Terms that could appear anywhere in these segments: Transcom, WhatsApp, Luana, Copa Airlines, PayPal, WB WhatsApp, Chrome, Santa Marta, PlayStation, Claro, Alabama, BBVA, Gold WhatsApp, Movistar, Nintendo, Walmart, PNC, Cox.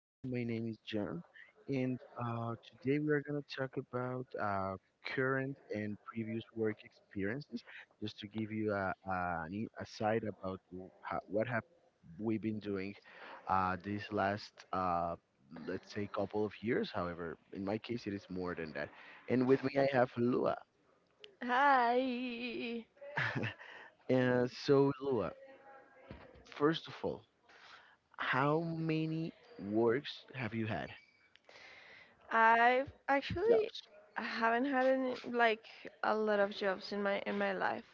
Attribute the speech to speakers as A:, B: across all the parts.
A: My name is John, and uh, today we are going to talk about current and previous work experiences, just to give you a side about what have we been doing these last, let's say, couple of years. However, in my case, it is more than that. And with me, I have Lua.
B: Hi.
A: So, Lua, first of all, how many works have you had?
B: I've actually
A: Jobs.
B: I haven't had any like a lot of jobs in my life.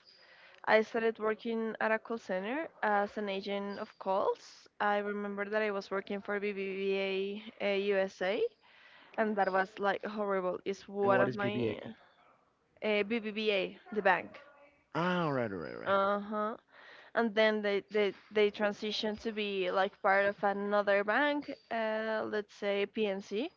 B: I started working at a call center as an agent of calls. I remember that I was working for BBVA USA, and that was like horrible. It's
A: And
B: one
A: what
B: of
A: is BBA?
B: my BBVA, the bank.
A: Ah, all right, all right, all right.
B: Uh huh. And then they transitioned to be like part of another bank, let's say PNC.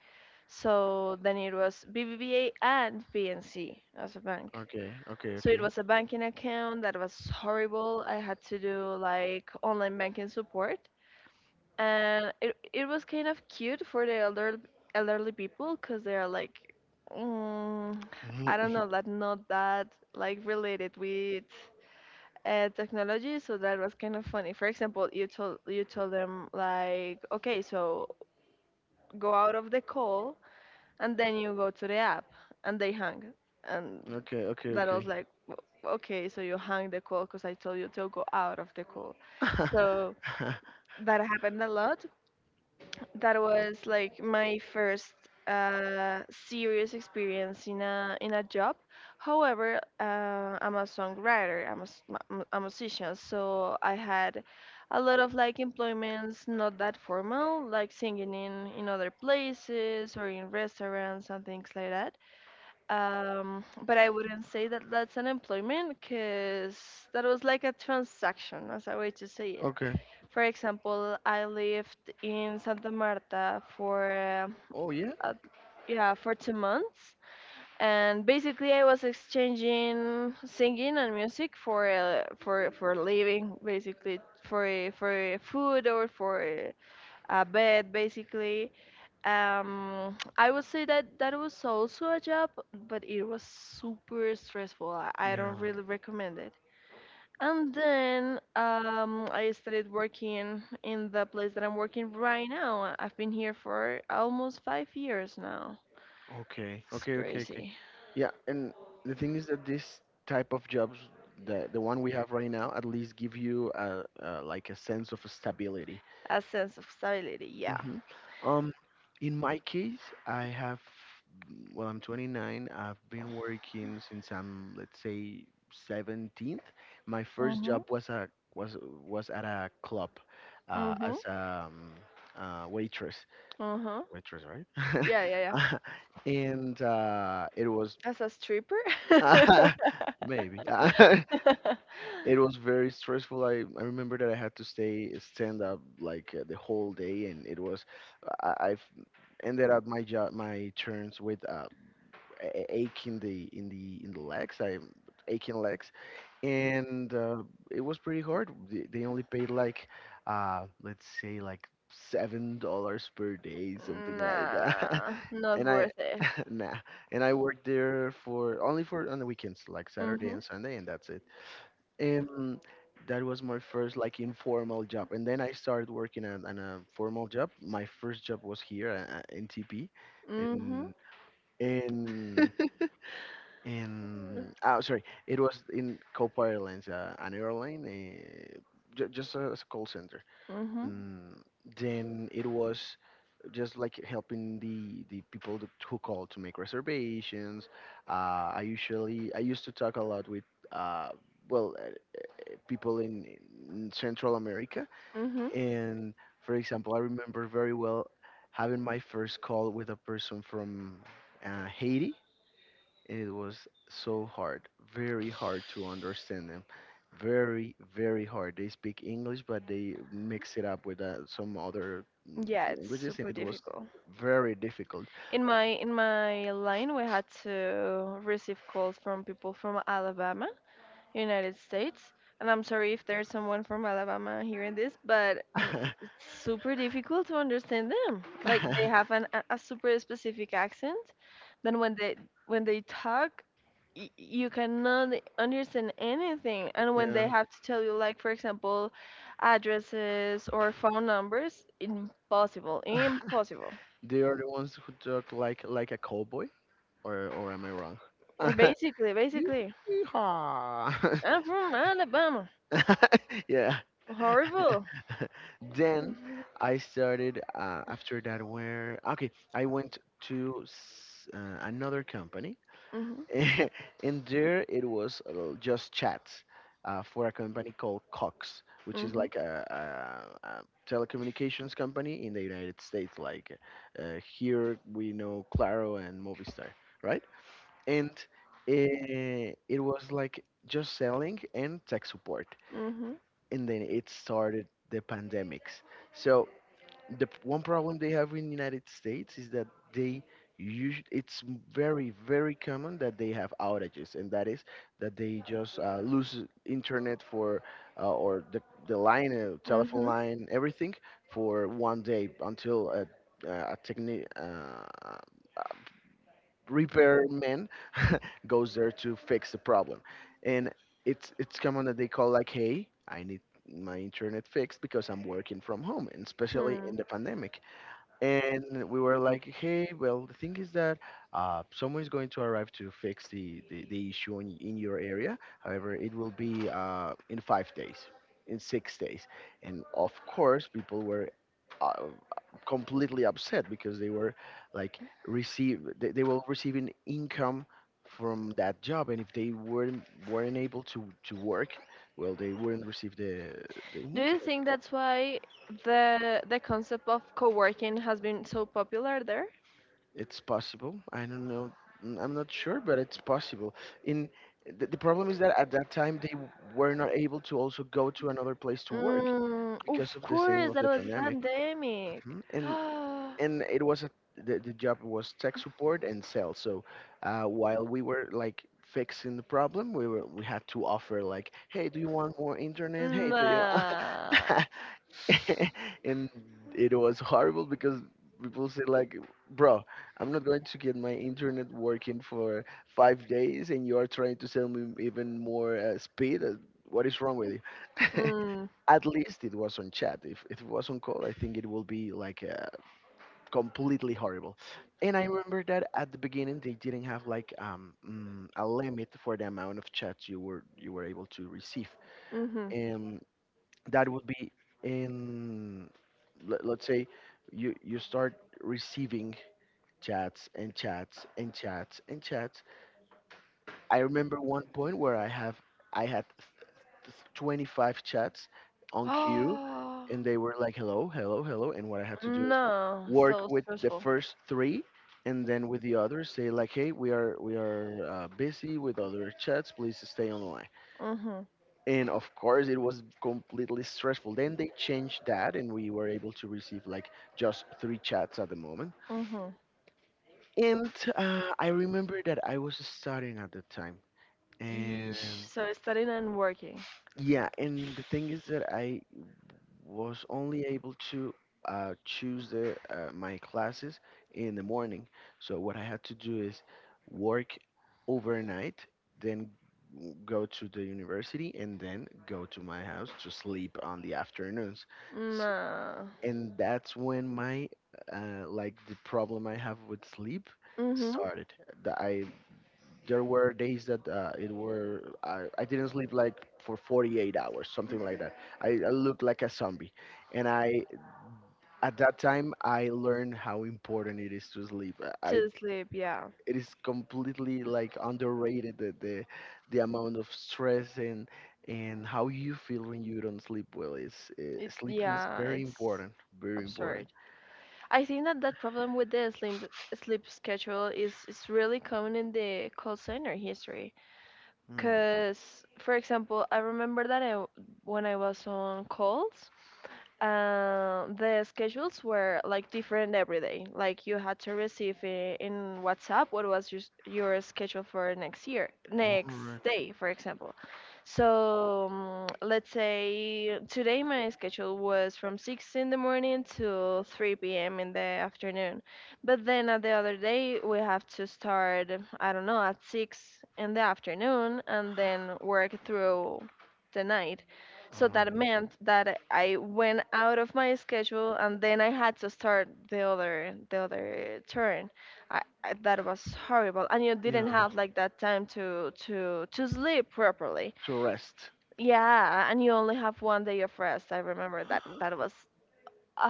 B: So then it was BBVA and PNC as a bank.
A: Okay, okay,
B: So it
A: okay.
B: was a banking account that was horrible. I had to do like online banking support, and it was kind of cute for the elderly people because they are like, mm,
A: Mhm,
B: I don't
A: mhm.
B: know, that not that like related with technology. So that was kind of funny. For example, you told them like, okay, so go out of the call and then you go to the app and they hang, and
A: Okay, okay,
B: that was
A: okay.
B: like, "W- okay, so you hung the call because I told you to go out of the call." So that happened a lot. That was like my first uh, serious experience in a job. However, I'm a songwriter, I'm a musician, so I had a lot of like employments, not that formal, like singing in other places or in restaurants and things like that. But I wouldn't say that that's unemployment, because that was like a transaction, as a way to say it.
A: okay.
B: For example, I lived in Santa Marta for
A: Oh yeah.
B: uh, yeah, for 2 months, and basically I was exchanging singing and music for for living, basically for food or for a bed, basically. I would say that that was also a job, but it was super stressful. I don't really recommend it. And then I started working in the place that I'm working right now. I've been here for almost 5 years now.
A: Okay,
B: It's
A: okay, okay, okay.
B: crazy.
A: Yeah, and the thing is that this type of jobs, the one we have right now, at least give you like a sense of stability.
B: A sense of stability, yeah.
A: hmm Um, in my case, I have, well, I'm 29. I've been working since I'm, let's say, 17. My first
B: Mm-hmm.
A: job was a was was at a club, uh,
B: Mm-hmm.
A: as a um, uh, waitress.
B: Uh-huh.
A: Waitress, right?
B: Yeah, yeah, yeah.
A: And it was
B: As a stripper.
A: maybe it was very stressful. I remember that I had to stay stand up like the whole day, and it was I, I've ended up my job my turns with ache in the in the in the legs. I aching legs, and it was pretty hard. They only paid like let's say like $7 per day, something like that.
B: Nah, not
A: and I
B: worth it.
A: nah, and I worked there for only for on the weekends, like Saturday
B: Mhm.
A: and Sunday, and that's it. Um, that was my first like informal job, and then I started working at a formal job. My first job was here in TP,
B: Mhm.
A: in in in oh sorry, it was in Copa Airlines, an airline, just as a call center.
B: Mhm.
A: Mm, then it was just like helping the people who call to make reservations. I used to talk a lot with uh well people in Central America.
B: Mhm.
A: And for example, I remember very well having my first call with a person from Haiti, and it was so hard, very hard to understand them. Very, very hard. They speak English, but they mix it up with some other
B: Yeah, it's
A: languages, and
B: super
A: it was
B: difficult.
A: very difficult.
B: In my line, we had to receive calls from people from Alabama, United States. And I'm sorry if there's someone from Alabama hearing this, but it's super difficult to understand them. Like they have a super specific accent. Then when they talk, you cannot understand anything. And when they
A: yeah.
B: have to tell you, like for example, addresses or phone numbers, impossible, impossible.
A: They are the ones who talk like a cowboy, or am I wrong?
B: Basically,
A: Yee-
B: basically,
A: Yeehaw!
B: I'm from Alabama.
A: yeah.
B: Horrible.
A: Then I started after that where okay, I went to another company,
B: Mhm.
A: and there it was just chats for a company called Cox, which is
B: Mhm.
A: like a telecommunications company in the United States. Like here we know Claro and Movistar, right? And it was like just selling and tech support.
B: Mhm.
A: And then it started the pandemics. So one problem they have in the United States is that they use it's m- very very common that they have outages, and that is that they just lose internet for or the line, telephone
B: Mm-hmm.
A: line, everything for 1 day until a repairman goes there to fix the problem. And it's common that they call like, "Hey, I need my internet fixed because I'm working from home, and especially
B: Hmm.
A: in the pandemic." And we were like, "Hey, well, the thing is that someone is going to arrive to fix the issue in your area. However, it will be in 5 days, in 6 days." And of course, people were uh, completely upset because they were like they were receiving income from that job, and if they weren't able to work, well, they wouldn't receive the
B: Do you
A: income.
B: think that's why the concept of co-working has been so popular there?
A: It's possible. I don't know. I'm not sure, but it's possible. In The problem is that at that time were not able to also go to another place to work
B: Mm,
A: because
B: of
A: of the same
B: course,
A: of
B: that
A: the
B: was a
A: pandemic.
B: pandemic.
A: Mhm. And it was a, the job was tech support and sales. So while we were like fixing the problem, we had to offer like, hey, do you want more internet? Hey, do you?
B: Nah.
A: and it was horrible because people say like bro, I'm not going to get my internet working for 5 days and you are trying to sell me even more speed. What is wrong with you?
B: Mm,
A: at least it was on chat. If it was on call, I think it will be like completely horrible. And I remember that at the beginning they didn't have like a limit for the amount of chats you were able to receive.
B: mm-hmm.
A: That would be in let's say you start receiving chats and chats and chats and chats. I remember one point where I had 25 chats on queue,
B: Oh,
A: and they were like hello, hello, hello, and what I had to do is
B: no,
A: work
B: so
A: with the
B: stressful.
A: first three, and then with the others say like, hey, we are busy with other chats, please stay online.
B: Mm-hmm,
A: And of course it was completely stressful. Then they changed that and we were able to receive like just three chats at the moment.
B: mm-hmm.
A: And I remember that I was studying at the time,
B: Yeesh,
A: and
B: so studying and working.
A: yeah, and the thing is that I was only able to choose my classes in the morning. So what I had to do is work overnight, then go to the university, and then go to my house to sleep on the afternoons. S-
B: Nah.
A: And that's when my like the problem I have with sleep
B: Mhm.
A: started. That I There were days that it were I didn't sleep like for 48 hours, something like that. I looked like a zombie. And I at that time I learned how important it is to sleep. I
B: To sleep, yeah.
A: It is completely like underrated, the amount of stress and how you feel when you don't sleep well is
B: It's,
A: sleeping is
B: yeah,
A: very
B: it's
A: important. Very important.
B: absurd. I think that that problem with the sleep schedule is really common in the call center history. Cause, for example, I remember that when I was on calls, the schedules were like different every day. Like you had to receive in WhatsApp what was your schedule for next year, next
A: Right.
B: day, for example. So let's say today my schedule was from 6 in the morning to 3 p.m. in the afternoon. But then at the other day, we have to start, I don't know, at 6 in the afternoon and then work through the night. So that meant that I went out of my schedule and then I had to start the other turn. That was horrible. And you didn't
A: Yeah,
B: have like that time to to sleep properly.
A: to rest.
B: Yeah, and you only have one day of rest. I remember that that was a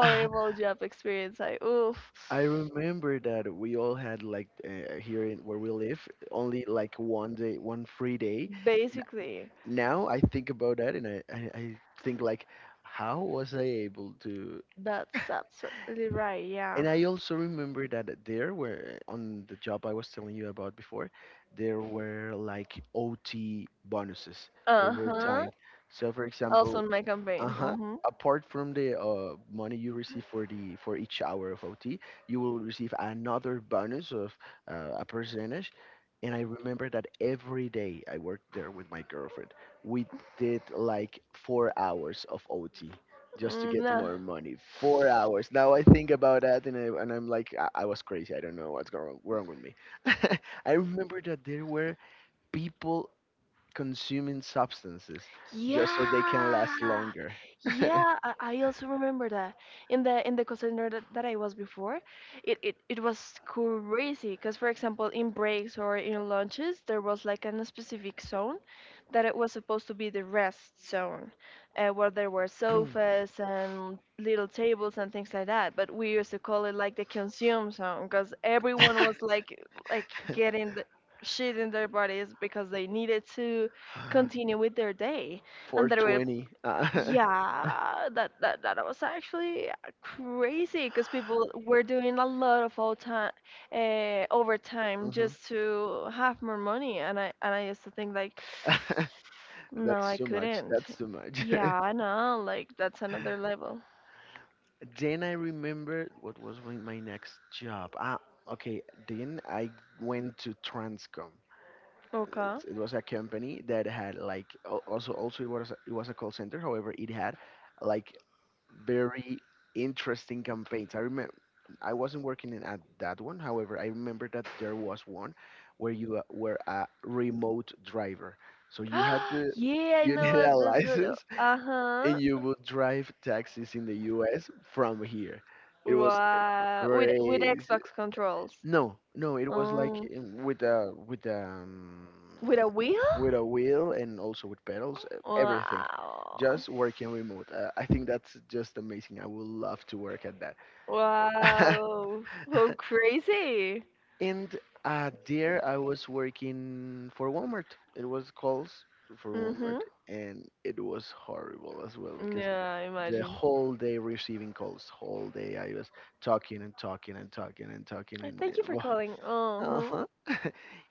A: I
B: job experience. I, oof.
A: remember that we all had like here in where we live only like 1 day, one free day.
B: Basically,
A: Now I think about that and I think like, how was I able to?
B: that's absolutely right. Yeah.
A: And I also remember that there were on the job I was telling you about before, there were like OT bonuses, over
B: Uh-huh.
A: time. So for
B: Also
A: example,
B: in my campaign.
A: uh-huh.
B: Mm-hmm.
A: Apart from the money you receive for the for each hour of OT, you will receive another bonus of a percentage. And I remember that every day I worked there with my girlfriend, we did like 4 hours of OT just to
B: Mm,
A: get
B: no.
A: more money. 4 hours. Now I think about that and, and I'm like, I was crazy. I don't know what's going wrong with me. I remember that there were people consuming substances just so they can
B: Yeah,
A: last longer.
B: yeah. I also remember that in the call center that I was before, it was crazy. Cause for example, in breaks or in lunches, there was like a specific zone that it was supposed to be the rest zone, where there were sofas and little tables and things like that. But we used to call it like the consume zone, cause everyone was like getting the shit in their bodies because they needed to continue with their day. And there were,
A: 420.
B: yeah, that was actually crazy because people were doing a lot of all time overtime
A: Mhm.
B: just to have more money. And I used to think like, no,
A: That's
B: I
A: too much.
B: couldn't.
A: That's too much.
B: Yeah, I know, like that's another level.
A: Then I remembered what was my my next job. Ah, okay. Then I went to Transcom.
B: Okay.
A: It was a company that had like also it was a call center. However, it had like very interesting campaigns. I remember I wasn't working in at that one. However, I remember that there was one where you were a remote driver. So you had to,
B: Yeah, I
A: you
B: know
A: needed
B: what
A: a
B: this video.
A: license and
B: Uh-huh.
A: you would drive taxis in the US from here. It was
B: Wow, with
A: crazy.
B: Xbox controls.
A: No, no, it was like
B: Oh, with a wheel.
A: with a wheel and also with pedals, everything.
B: Wow.
A: Just working remote. I think that's just amazing. I would love to work at that.
B: Wow. How crazy.
A: and there I was working for Walmart. It was calls for Walmart,
B: Mhm.
A: and it was horrible as well because
B: Yeah, I
A: the
B: imagine.
A: whole day receiving calls. Whole day I was talking and talking and talking and talking and
B: Thank you for calling.
A: uh
B: Uh-huh.
A: huh.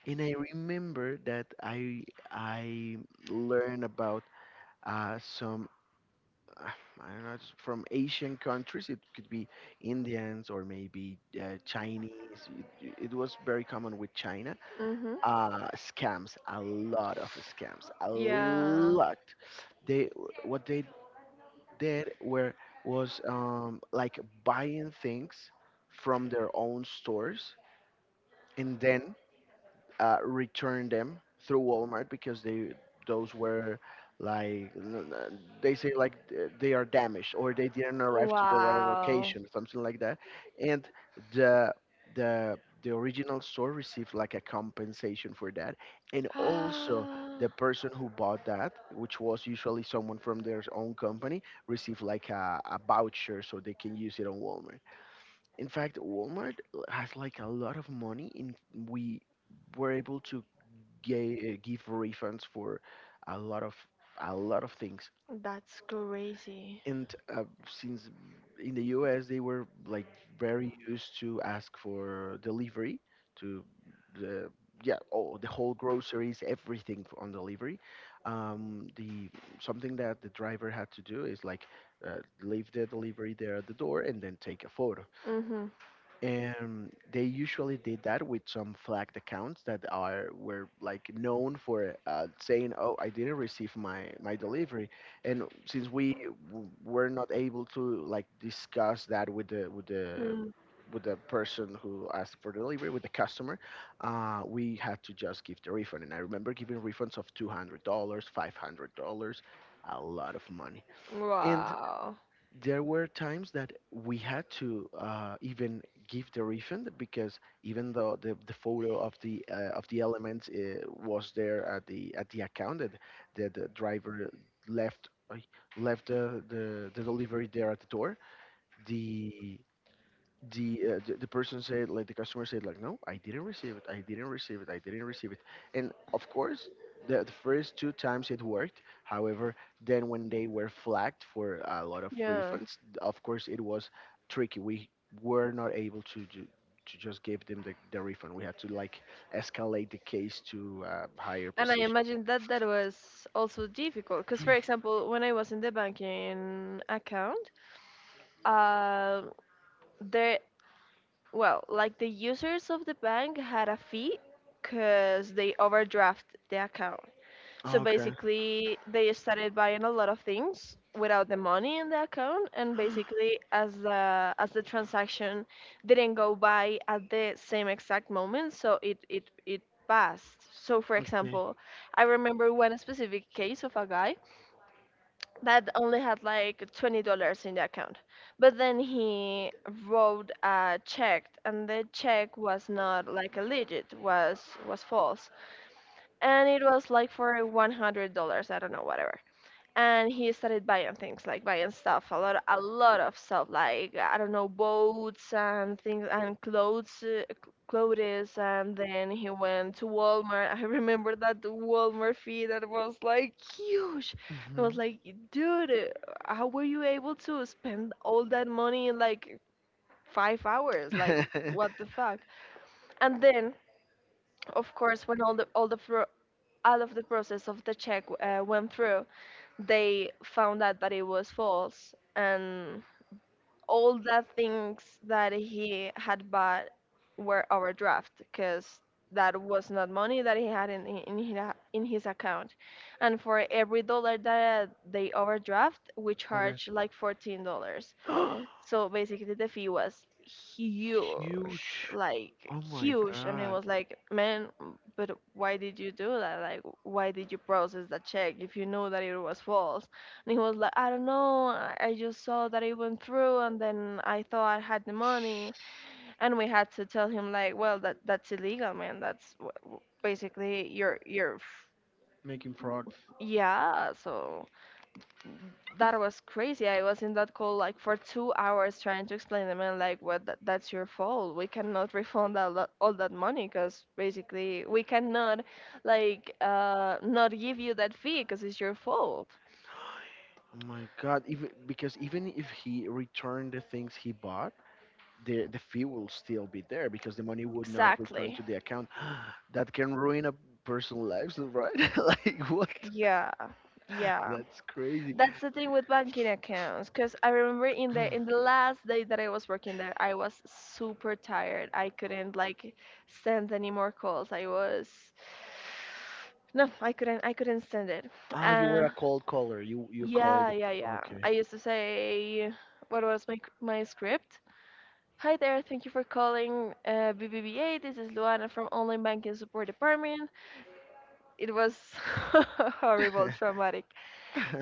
A: And I remember that I learned about some uh, I don't know, it's from Asian countries. It could be Indians or maybe Chinese. It was very common with China.
B: Mhm.
A: Scams, a lot of scams, a
B: Yeah.
A: lot. They what they did were was like buying things from their own stores and then return them through Walmart because they those were they say like they are damaged or they didn't arrive to the right
B: Wow.
A: location, something like that. And the the the original store received like a compensation for that, and also the person who bought that, which was usually someone from their own company, received like a voucher so they can use it on Walmart. In fact, Walmart has like a lot of money, and we were able to give refunds for a lot of a lot of things.
B: That's crazy.
A: And since in the U.S. they were like very used to ask for delivery to the yeah all the whole groceries everything on delivery. The something that the driver had to do is like leave the delivery there at the door and then take a photo,
B: Mhm.
A: and they usually did that with some flagged accounts that are were like known for saying, oh, I didn't receive my delivery. And since we were not able to like discuss that with the with the
B: Mm.
A: with the person who asked for delivery, with the customer, we had to just give the refund. And I remember giving refunds of $200, $500, a lot of money. And
B: Wow.
A: there were times that we had to even give the refund because even though the photo of the elements was there at the account that that the driver left left the delivery there at the door, the the person said, like, the customer said like, no, I didn't receive it, I didn't receive it, I didn't receive it. And of course, the first two times it worked. However, then when they were flagged for a lot of
B: Yeah.
A: refunds, of course, it was tricky. We were not able to to just give them the refund. We had to like escalate the case to a higher
B: And I
A: position.
B: imagine that that was also difficult because, for example, when I was in the banking account, uh, there well, like the users of the bank had a fee because they overdraft the account. So
A: Okay.
B: basically, they started buying a lot of things without the money in the account, and basically, as the transaction didn't go by at the same exact moment, so it passed. So for
A: Okay.
B: example, I remember one specific case of a guy that only had like $20 in the account. But then he wrote a check, and the check was not like a legit, was false, and it was like for $100. I don't know, whatever. And he started buying things, like buying stuff, a lot of stuff, like, I don't know, boats and things and clothes, and then he went to Walmart. I remember that the Walmart fee, that was like huge. I
A: hmm
B: was like, dude, how were you able to spend all that money in like 5 hours? Like, what the fuck? And then of course, when all of the process of the check went through, they found out that it was false, and all the things that he had bought were overdraft because that was not money that he had in his account. And for every dollar that they overdraft, we
A: okay.
B: charge like $14. So basically, the fee was huge,
A: Huge.
B: like
A: Oh my
B: huge. And it
A: god.
B: was like, man, but why did you do that? Like, why did you process that check if you knew that it was false? And he was like, I don't know, I just saw that it went through, and then I thought I had the money. And we had to tell him like, well, that that's illegal, man. That's basically your,
A: Making fraud.
B: yeah. So that was crazy. I was in that call like for 2 hours trying to explain them, and like, well, that, that's your fault. We cannot refund all that money because basically we cannot, like, not give you that fee because it's your fault.
A: Oh my god. Even because even if he returned the things he bought, the fee will still be there because the money would not return
B: Exactly.
A: to the account. That can ruin a person's lives, right? Like, what?
B: Yeah, yeah.
A: That's crazy.
B: That's the thing with banking accounts, because I remember in the last day that I was working there, I was super tired. I couldn't like send any more calls. I was no, I couldn't stand it.
A: Ah, you were
B: Uh,
A: a cold caller. You called.
B: yeah, yeah, yeah.
A: Okay.
B: I used to say, what was my script? Hi there, thank you for calling BBVA. This is Luana from Online Banking Support Department. It was horrible, traumatic.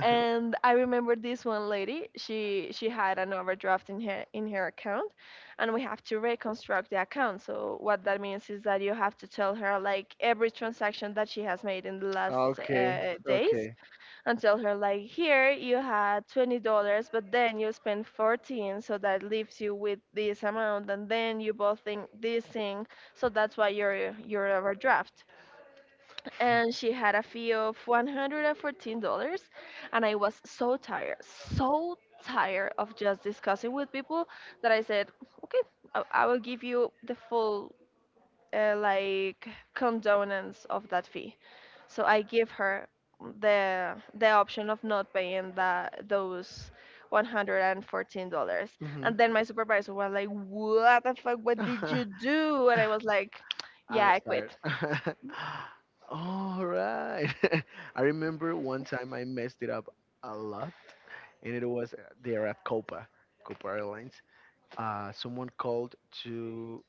B: And I remember this one lady, she had an overdraft in her account, and we have to reconstruct the account. So what that means is that you have to tell her like every transaction that she has made in the last
A: Okay,
B: days,
A: okay.
B: and tell her like, here you had $20, but then you spent 14, so that leaves you with this amount, and then you both think this thing. So that's why you're overdraft. And she had a fee of $114. And I was so tired, so tired of just discussing with people, that I said, okay, I will give you the full like condonance of that fee. So I give her the option of not paying that those $114.
A: hmm
B: And then my supervisor was like, what the fuck, what did you do? And I was like, yeah,
A: I'm
B: I
A: tired.
B: quit.
A: All right. I remember one time I messed it up a lot, and it was there at Copa, Copa Airlines. Someone called to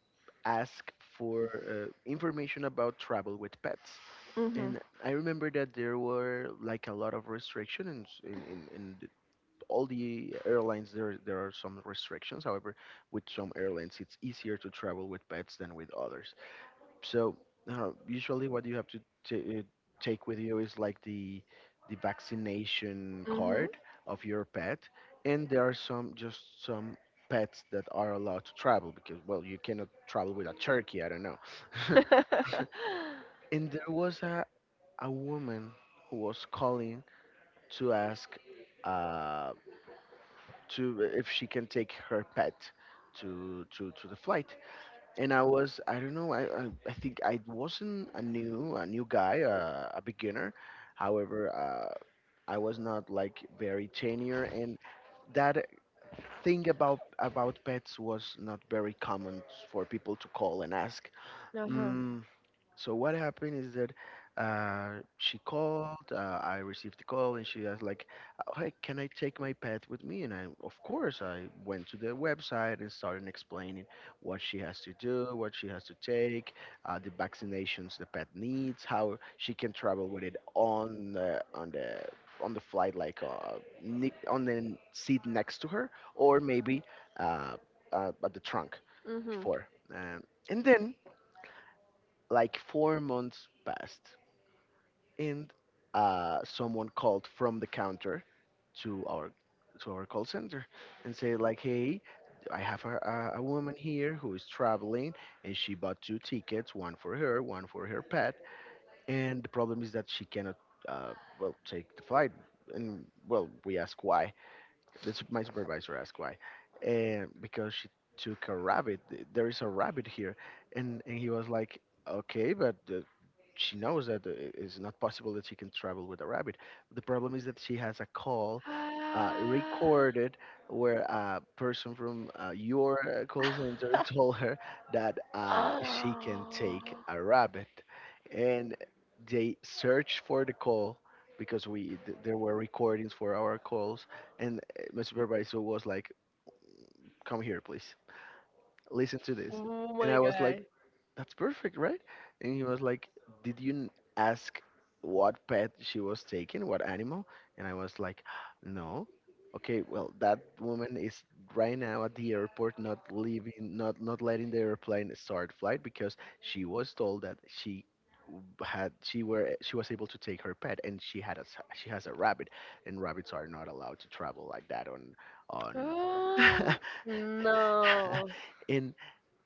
A: ask for information about travel with pets.
B: Hmm.
A: And I remember that there were like a lot of restrictions in, the- all the airlines. There are some restrictions. However, with some airlines, it's easier to travel with pets than with others. So usually, what you have to t- uh, take with you is like the vaccination
B: Hmm.
A: card of your pet, and there are some just some pets that are allowed to travel because, well, you cannot travel with a turkey. I don't know. And there was a woman who was calling to ask uh, to if she can take her pet to the flight. And I was, I don't know, I think I wasn't a new guy, a beginner. However, I was not like very tenure, and that thing about pets was not very common for people to call and ask.
B: Uh-huh.
A: Mm, so what happened is that she called. I received the call, and she asked like, "Uh," "Hey, can I take my pet with me?" And I, of course, I went to the website and started explaining what she has to do, what she has to take, the vaccinations the pet needs, how she can travel with it on the flight, like on the seat next to her, or maybe uh, at the trunk
B: Mhm.
A: before. Um, and then like 4 months passed, and someone called from the counter to our call center and said like, "Hey, I have a woman here who is traveling, and she bought 2 tickets, one for her pet, and the problem is that she cannot, uh, well, take the flight." And well, we ask why, that's my supervisor asked why, and because she took a rabbit. There is a rabbit here. And he was like, okay, but she knows that it is not possible that she can travel with a rabbit. The problem is that she has a call
B: Ah.
A: recorded where a person from your call center told her that she can take a rabbit. And they searched for the call because we there were recordings for our calls. And my supervisor was like, "Come here, please. Listen to this."
B: Oh
A: And
B: my
A: I was like,
B: god.
A: that's perfect, right? And he was like, did you ask what pet she was taking, what animal? And I was like, no. Okay, well, that woman is right now at the airport, not leaving, not not letting the airplane start flight because she was told that she w- had she were she was able to take her pet, and she had she has a rabbit, and rabbits are not allowed to travel like that on
B: Oh. No.
A: and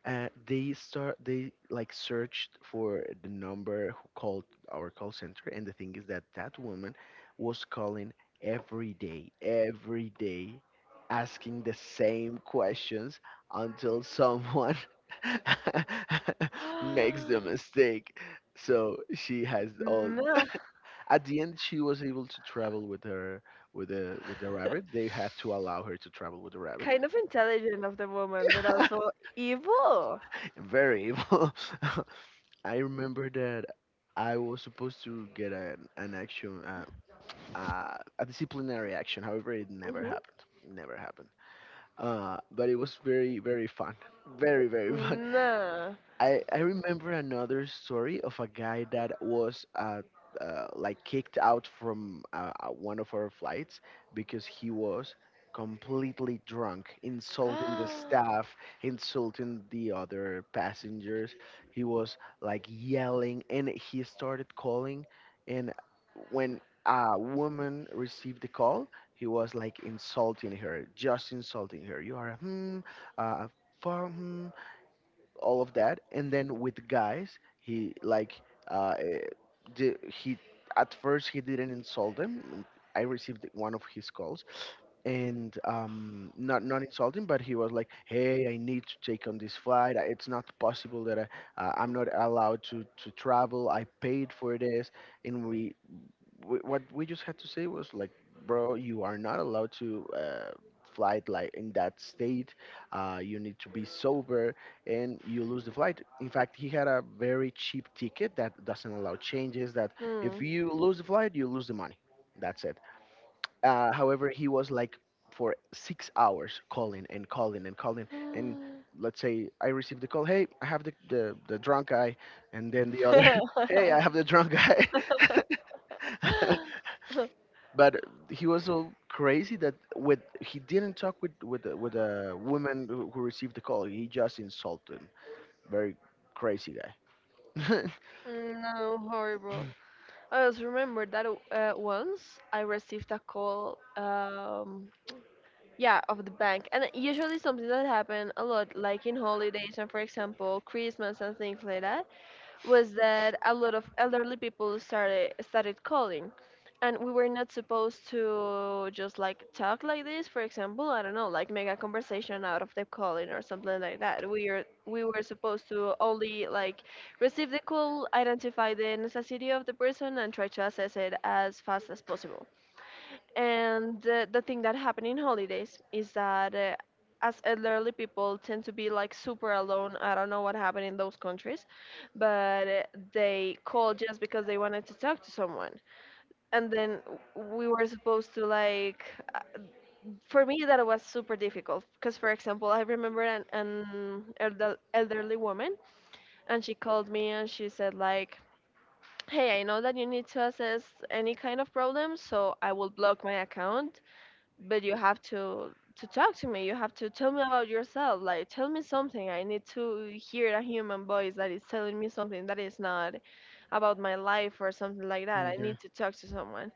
A: they start they like searched for the number who called our call center. And the thing is that that woman was calling every day, asking the same questions until someone makes the mistake. So she has all.
B: No.
A: At the end, she was able to travel with her with the rabbit. They had to allow her to travel with the rabbit.
B: Kind of intelligent of the woman, but also evil.
A: Very evil. I remember that I was supposed to get an action, a disciplinary action. However, it never
B: Mm-hmm.
A: happened. Never happened. But it was very, very fun. Very, very fun.
B: No.
A: I remember another story of a guy that was like kicked out from one of our flights because he was completely drunk, insulting the
B: Ah.
A: staff, insulting the other passengers. He was like yelling, and he started calling. And when a woman received the call, he was like insulting her, just insulting her. You are a uh, for all of that. And then with guys, he like uh eh, he at first he didn't insult them. And I received one of his calls. And not not insulting, but he was like, hey, I need to take on this flight. It's not possible that I, I'm not allowed to travel, I paid for this. And what we just had to say was like, bro, you are not allowed to flight like in that state. You need to be sober, and you lose the flight. In fact, he had a very cheap ticket that doesn't allow changes. That if
B: Mm.
A: you lose the flight, you lose the money. That's it. However, he was like for 6 hours calling and calling and calling and.
B: Ah.
A: Let's say I received the call, hey, I have the drunk guy. And then the other, hey, I have the drunk guy. But he was so crazy that with he didn't talk with with a woman who received the call. He just insulted him. Very crazy guy. Yeah.
B: No, horrible. I just remember that once I received a call, yeah, of the bank, and usually something that happened a lot, like in holidays and for example Christmas and things like that. Was that a lot of elderly people started calling, and we were not supposed to just like talk like this. For example, I don't know, like make a conversation out of the calling or something like that. We were supposed to only like receive the call, identify the necessity of the person, and try to assess it as fast as possible. And the thing that happened in holidays is that, as elderly people tend to be like super alone. I don't know what happened in those countries, but they called just because they wanted to talk to someone. And then we were supposed to like, uh, for me that was super difficult because, for example, I remember an elderly woman, and she called me and she said like, hey, I know that you need to assess any kind of problem, so I will block my account, but you have to talk to me. You have to tell me about yourself, like tell me something. I need to hear a human voice that is telling me something that is not about my life or something like that. I need to talk to someone.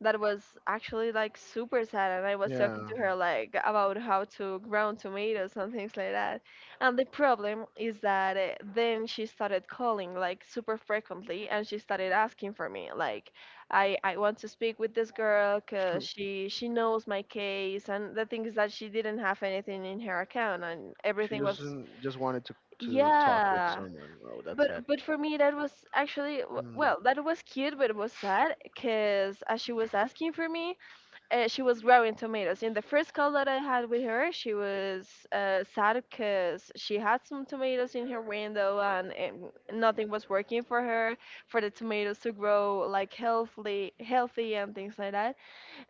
B: That was actually like super sad, and I was talking
A: Yeah.
B: to her like about how to grow tomatoes and things like that. And the problem is that then she started calling like super frequently, and she started asking for me, like, I want to speak with this girl because
A: Hmm.
B: she knows my case. And the thing is that she didn't have anything in her account, and
A: She
B: everything
A: just
B: was
A: just wanted to talk with
B: yeah.
A: someone. Oh,
B: but
A: that's sad.
B: but for me that was actually well, that was cute, but it was sad, because as she was asking for me, she was growing tomatoes. In the first call that I had with her, she was sad because she had some tomatoes in her window, and nothing was working for her for the tomatoes to grow like healthy and things like that.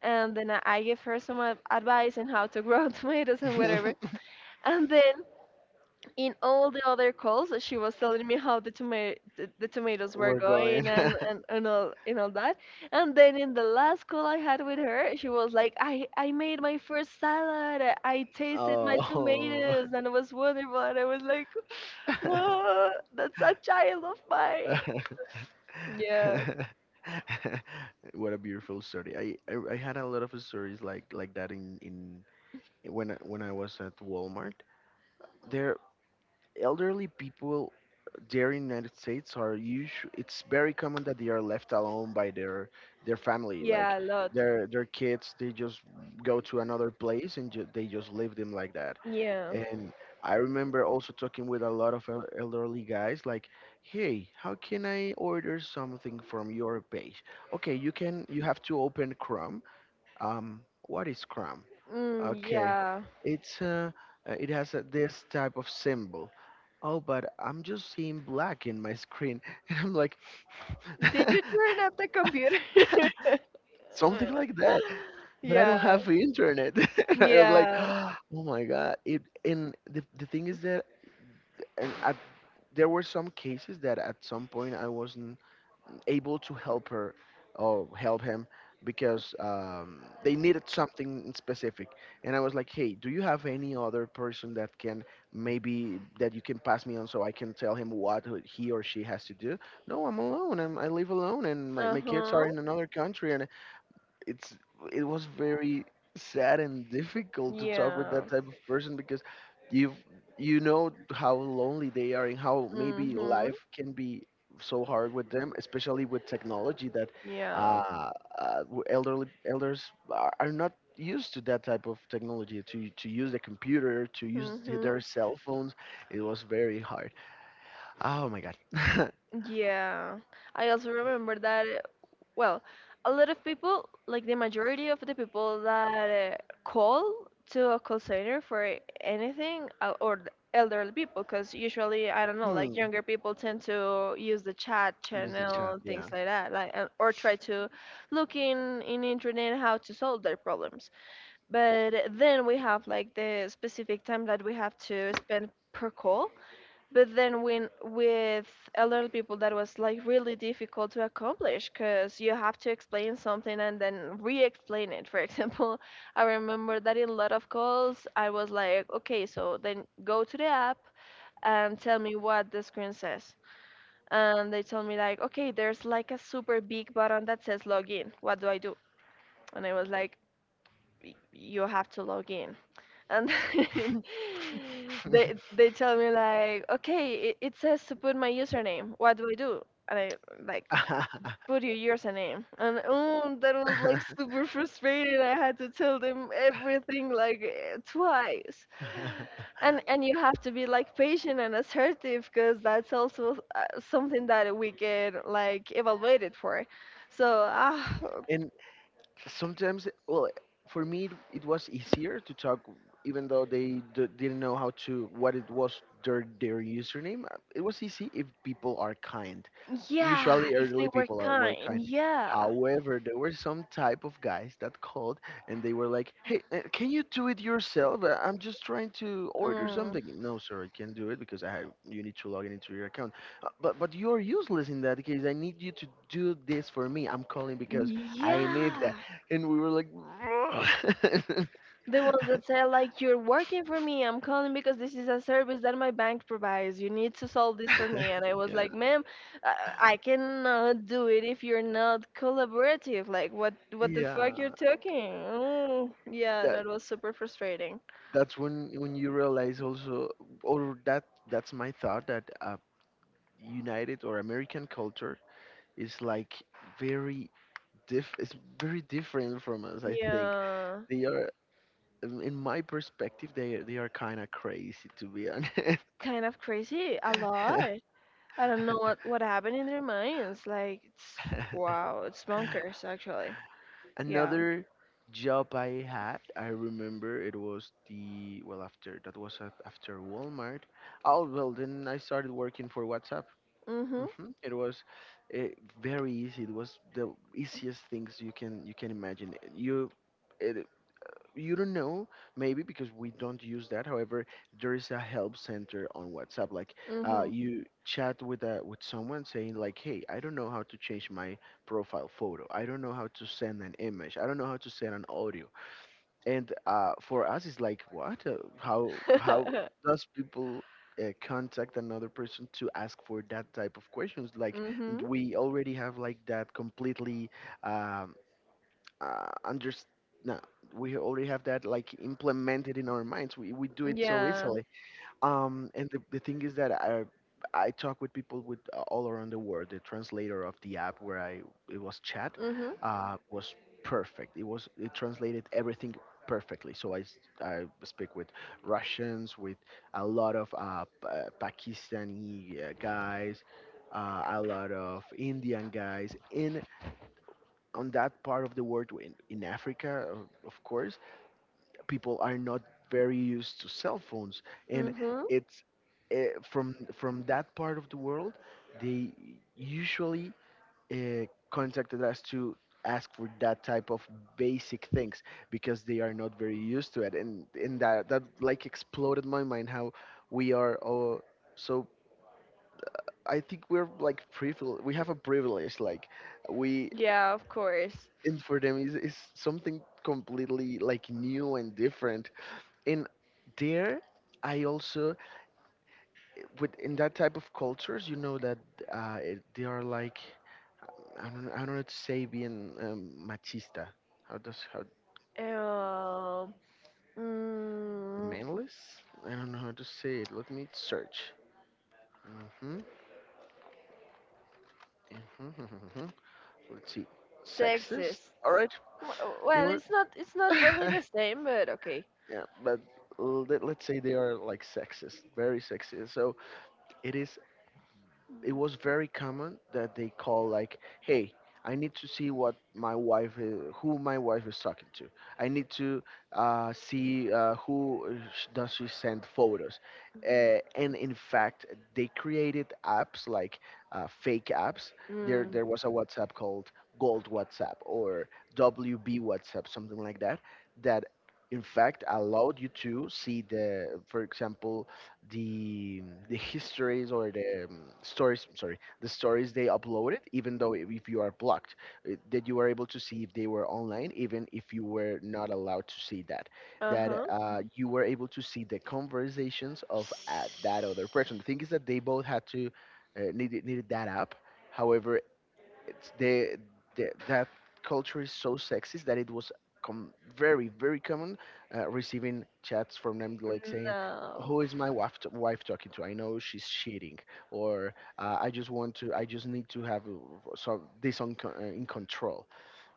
B: And then I gave her some advice on how to grow tomatoes and whatever.
A: Mm.
B: And then in all the other calls she was telling me how the tomatoes were
A: We're
B: going,
A: going.
B: and all that. And then in the last call I had with her, she was like, I made my first salad, I tasted my
A: Oh.
B: tomatoes and it was wonderful, and I was like, whoa, that's a child of mine. Yeah.
A: What a beautiful story. I had a lot of stories like that in when I was at Walmart. Their elderly people there in United States are usually it's very common that they are left alone by their family, like
B: Yeah, a lot.
A: their kids, they just go to another place and they just leave them like that.
B: Yeah.
A: And I remember also talking with a lot of elderly guys, like, "Hey, how can I order something from your page?" Okay, you can. You have to open Chrome. What is Chrome? Okay,
B: Yeah.
A: it's it has this type of symbol. Oh, but I'm just seeing black in my screen, and I'm like,
B: Did you turn up the computer?
A: something like that. But I don't
B: Yeah.
A: have internet. I was like,
B: Yeah.
A: oh my god! It and the thing is that, and I there were some cases that at some point I wasn't able to help her or help him because they needed something in specific. And I was like, hey, do you have any other person that can maybe that you can pass me on so I can tell him what he or she has to do? No, I'm alone. I live alone and my kids
B: Uh-huh.
A: are in another country and it's it was very sad and difficult to talk with
B: Yeah.
A: that type of person because you you know how lonely they are and how maybe
B: Mhm.
A: life can be so hard with them, especially with technology that
B: Yeah.
A: uh, w- elderly elders are not used to that type of technology, to use the computer, to use
B: Mhm.
A: their cell phones. It was very hard. Oh my god.
B: Yeah. I also remember that. Well, a lot of people, like the majority of the people that call to a call center for anything, or the elderly people, because usually I don't know, like
A: hmm.
B: younger people tend to use the chat
A: Use the
B: channel
A: chat.
B: and things
A: Yeah.
B: like that, like, and or try to look in internet how to solve their problems. But then we have like the specific time that we have to spend per call. But then when with elderly people, that was like really difficult to accomplish, because you have to explain something and then re-explain it. For example, I remember that in a lot of calls I was like, okay, so then go to the app and tell me what the screen says. And they told me like, okay, there's like a super big button that says login, what do I do? And I was like, you have to log in. And then they tell me like, okay, it says to put my username, what do I do? And I like, put your username. And oh, that was like super frustrating. I had to tell them everything like, twice. And you have to be like patient and assertive because that's also something that we get like evaluated for, so ah.
A: And sometimes, well, for me it was easier to talk even though they didn't know how to, what it was, their username. It was easy if people are kind.
B: Yeah,
A: Usually
B: if they
A: elderly
B: were
A: people are, were
B: kind,
A: kind.
B: yeah.
A: However, there were some type of guys that called and they were like, "Hey, can you do it yourself? I'm just trying to order
B: Mm.
A: something." No, sir, I can't do it because I have you need to log in into your account. But you're useless. In that case I need you to do this for me. I'm calling because I need
B: Yeah,
A: that." And we were like,
B: the ones that say like, you're working for me. I'm calling because this is a service that my bank provides. You need to solve this for me. And I was
A: yeah,
B: like, ma'am, uh, I cannot do it if you're not collaborative. Like, what the fuck you're
A: yeah.
B: talking? Oh, yeah,
A: That,
B: that was super frustrating.
A: that's when you realize also, or that, that's my thought, that United or American culture is like very diff. It's very different from us. I think
B: Yeah,
A: they are, in my perspective, they are kind of crazy, to be honest.
B: kind of crazy. A lot. I don't know what happened in their minds. Like, it's wow, it's bonkers actually. Yeah.
A: Another job I had, I remember, it was the, well, after that was at, after Walmart. Oh well, then I started working for WhatsApp.
B: Mhm.
A: Hmm. It was uh, very easy. It was the easiest things you can imagine. It, you don't know, maybe because we don't use that. However, there is a help center on WhatsApp, like
B: Mhm.
A: you chat with a with someone saying like, "Hey, I don't know how to change my profile photo. I don't know how to send an image. I don't know how to send an audio." And for us it's like, what? How does people contact another person to ask for that type of questions? Like,
B: Mhm.
A: we already have like that completely um, underst- no, we already have that like implemented in our minds. We do it so, yeah,
B: Yeah.
A: easily. And the thing is that I talk with people with all around the world. The translator of the app where I, it was chat,
B: Mhm.
A: mhm, was perfect. It was, it translated everything perfectly. So I I speak with Russians, with a lot of Pakistani guys. A lot of Indian guys. On that part of the world, in africa, of course, people are not very used to cell phones, and
B: Mhm.
A: it's from that part of the world, they usually uh, contacted us to ask for that type of basic things because they are not very used to it. And that, that like exploded my mind, how we are all so, I think we're like privileged, we have a privilege, like we
B: Yeah, of course.
A: and for them is something completely like new and different. And there, I also, with, in that type of cultures, you know that they are like, I don't know, I don't know how to say, being machista. How does, how,
B: Um. Mm,
A: manless, I don't know how to say it, let me search. Hmm. Hmm. Let's see. Sexist.
B: sexist.
A: All right.
B: W-
A: They
B: Well,
A: were
B: it's not, it's not really
A: yeah,
B: the same, but okay.
A: but let's say they are like sexist, very sexist. So it is, it was very common that they call like, "Hey, I need to see what my wife is, who my wife is talking to. I need to see who, does she send photos." And in fact, they created apps like fake apps. There,
B: Mm.
A: there was a WhatsApp called Gold WhatsApp or WB WhatsApp, something like that. That in fact allowed you to see the, for example, the histories, or the stories, sorry, the stories they uploaded, even though, if you are blocked. That you were able to see if they were online even if you were not allowed to see that.
B: Uh
A: That
B: huh.
A: you were able to see the conversations of that other person. The thing is that they both had to needed that app. However, it's the that culture is so sexist that it was very common receiving chats from them like saying,
B: No.
A: "Who is my wife, wife talking to? I know she's cheating." Or I just want to, I just need to have some this on co- in control.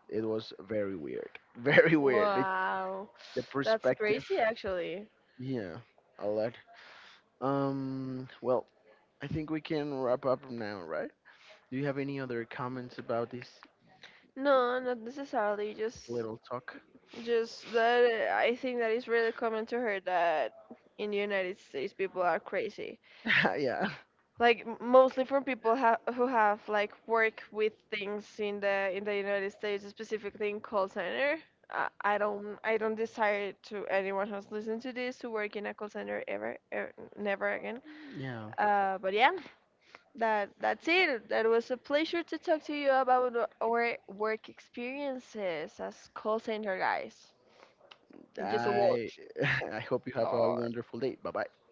A: It was very weird.
B: Very
A: Very
B: often.
A: weird,
B: Wow, the
A: the
B: first that's
A: perspective.
B: practice. Crazy actually.
A: Yeah. A lot. Well, I think we can wrap up now, right? Do you have any other comments about this
B: No, not necessarily.
A: little talk?
B: Just that I think that it's really common to hear that in the United States people are crazy.
A: Yeah.
B: Like mostly from people who have like work with things in the United States, specifically in call center. I don't, I don't desire to anyone who's listening to this to work in a call center ever, ever, never again.
A: Yeah.
B: But yeah. That that's it. That was a pleasure to talk to you about our work experiences as call center guys. Thank you so
A: I
B: much.
A: I hope you have a
B: Oh.
A: wonderful day. Bye bye.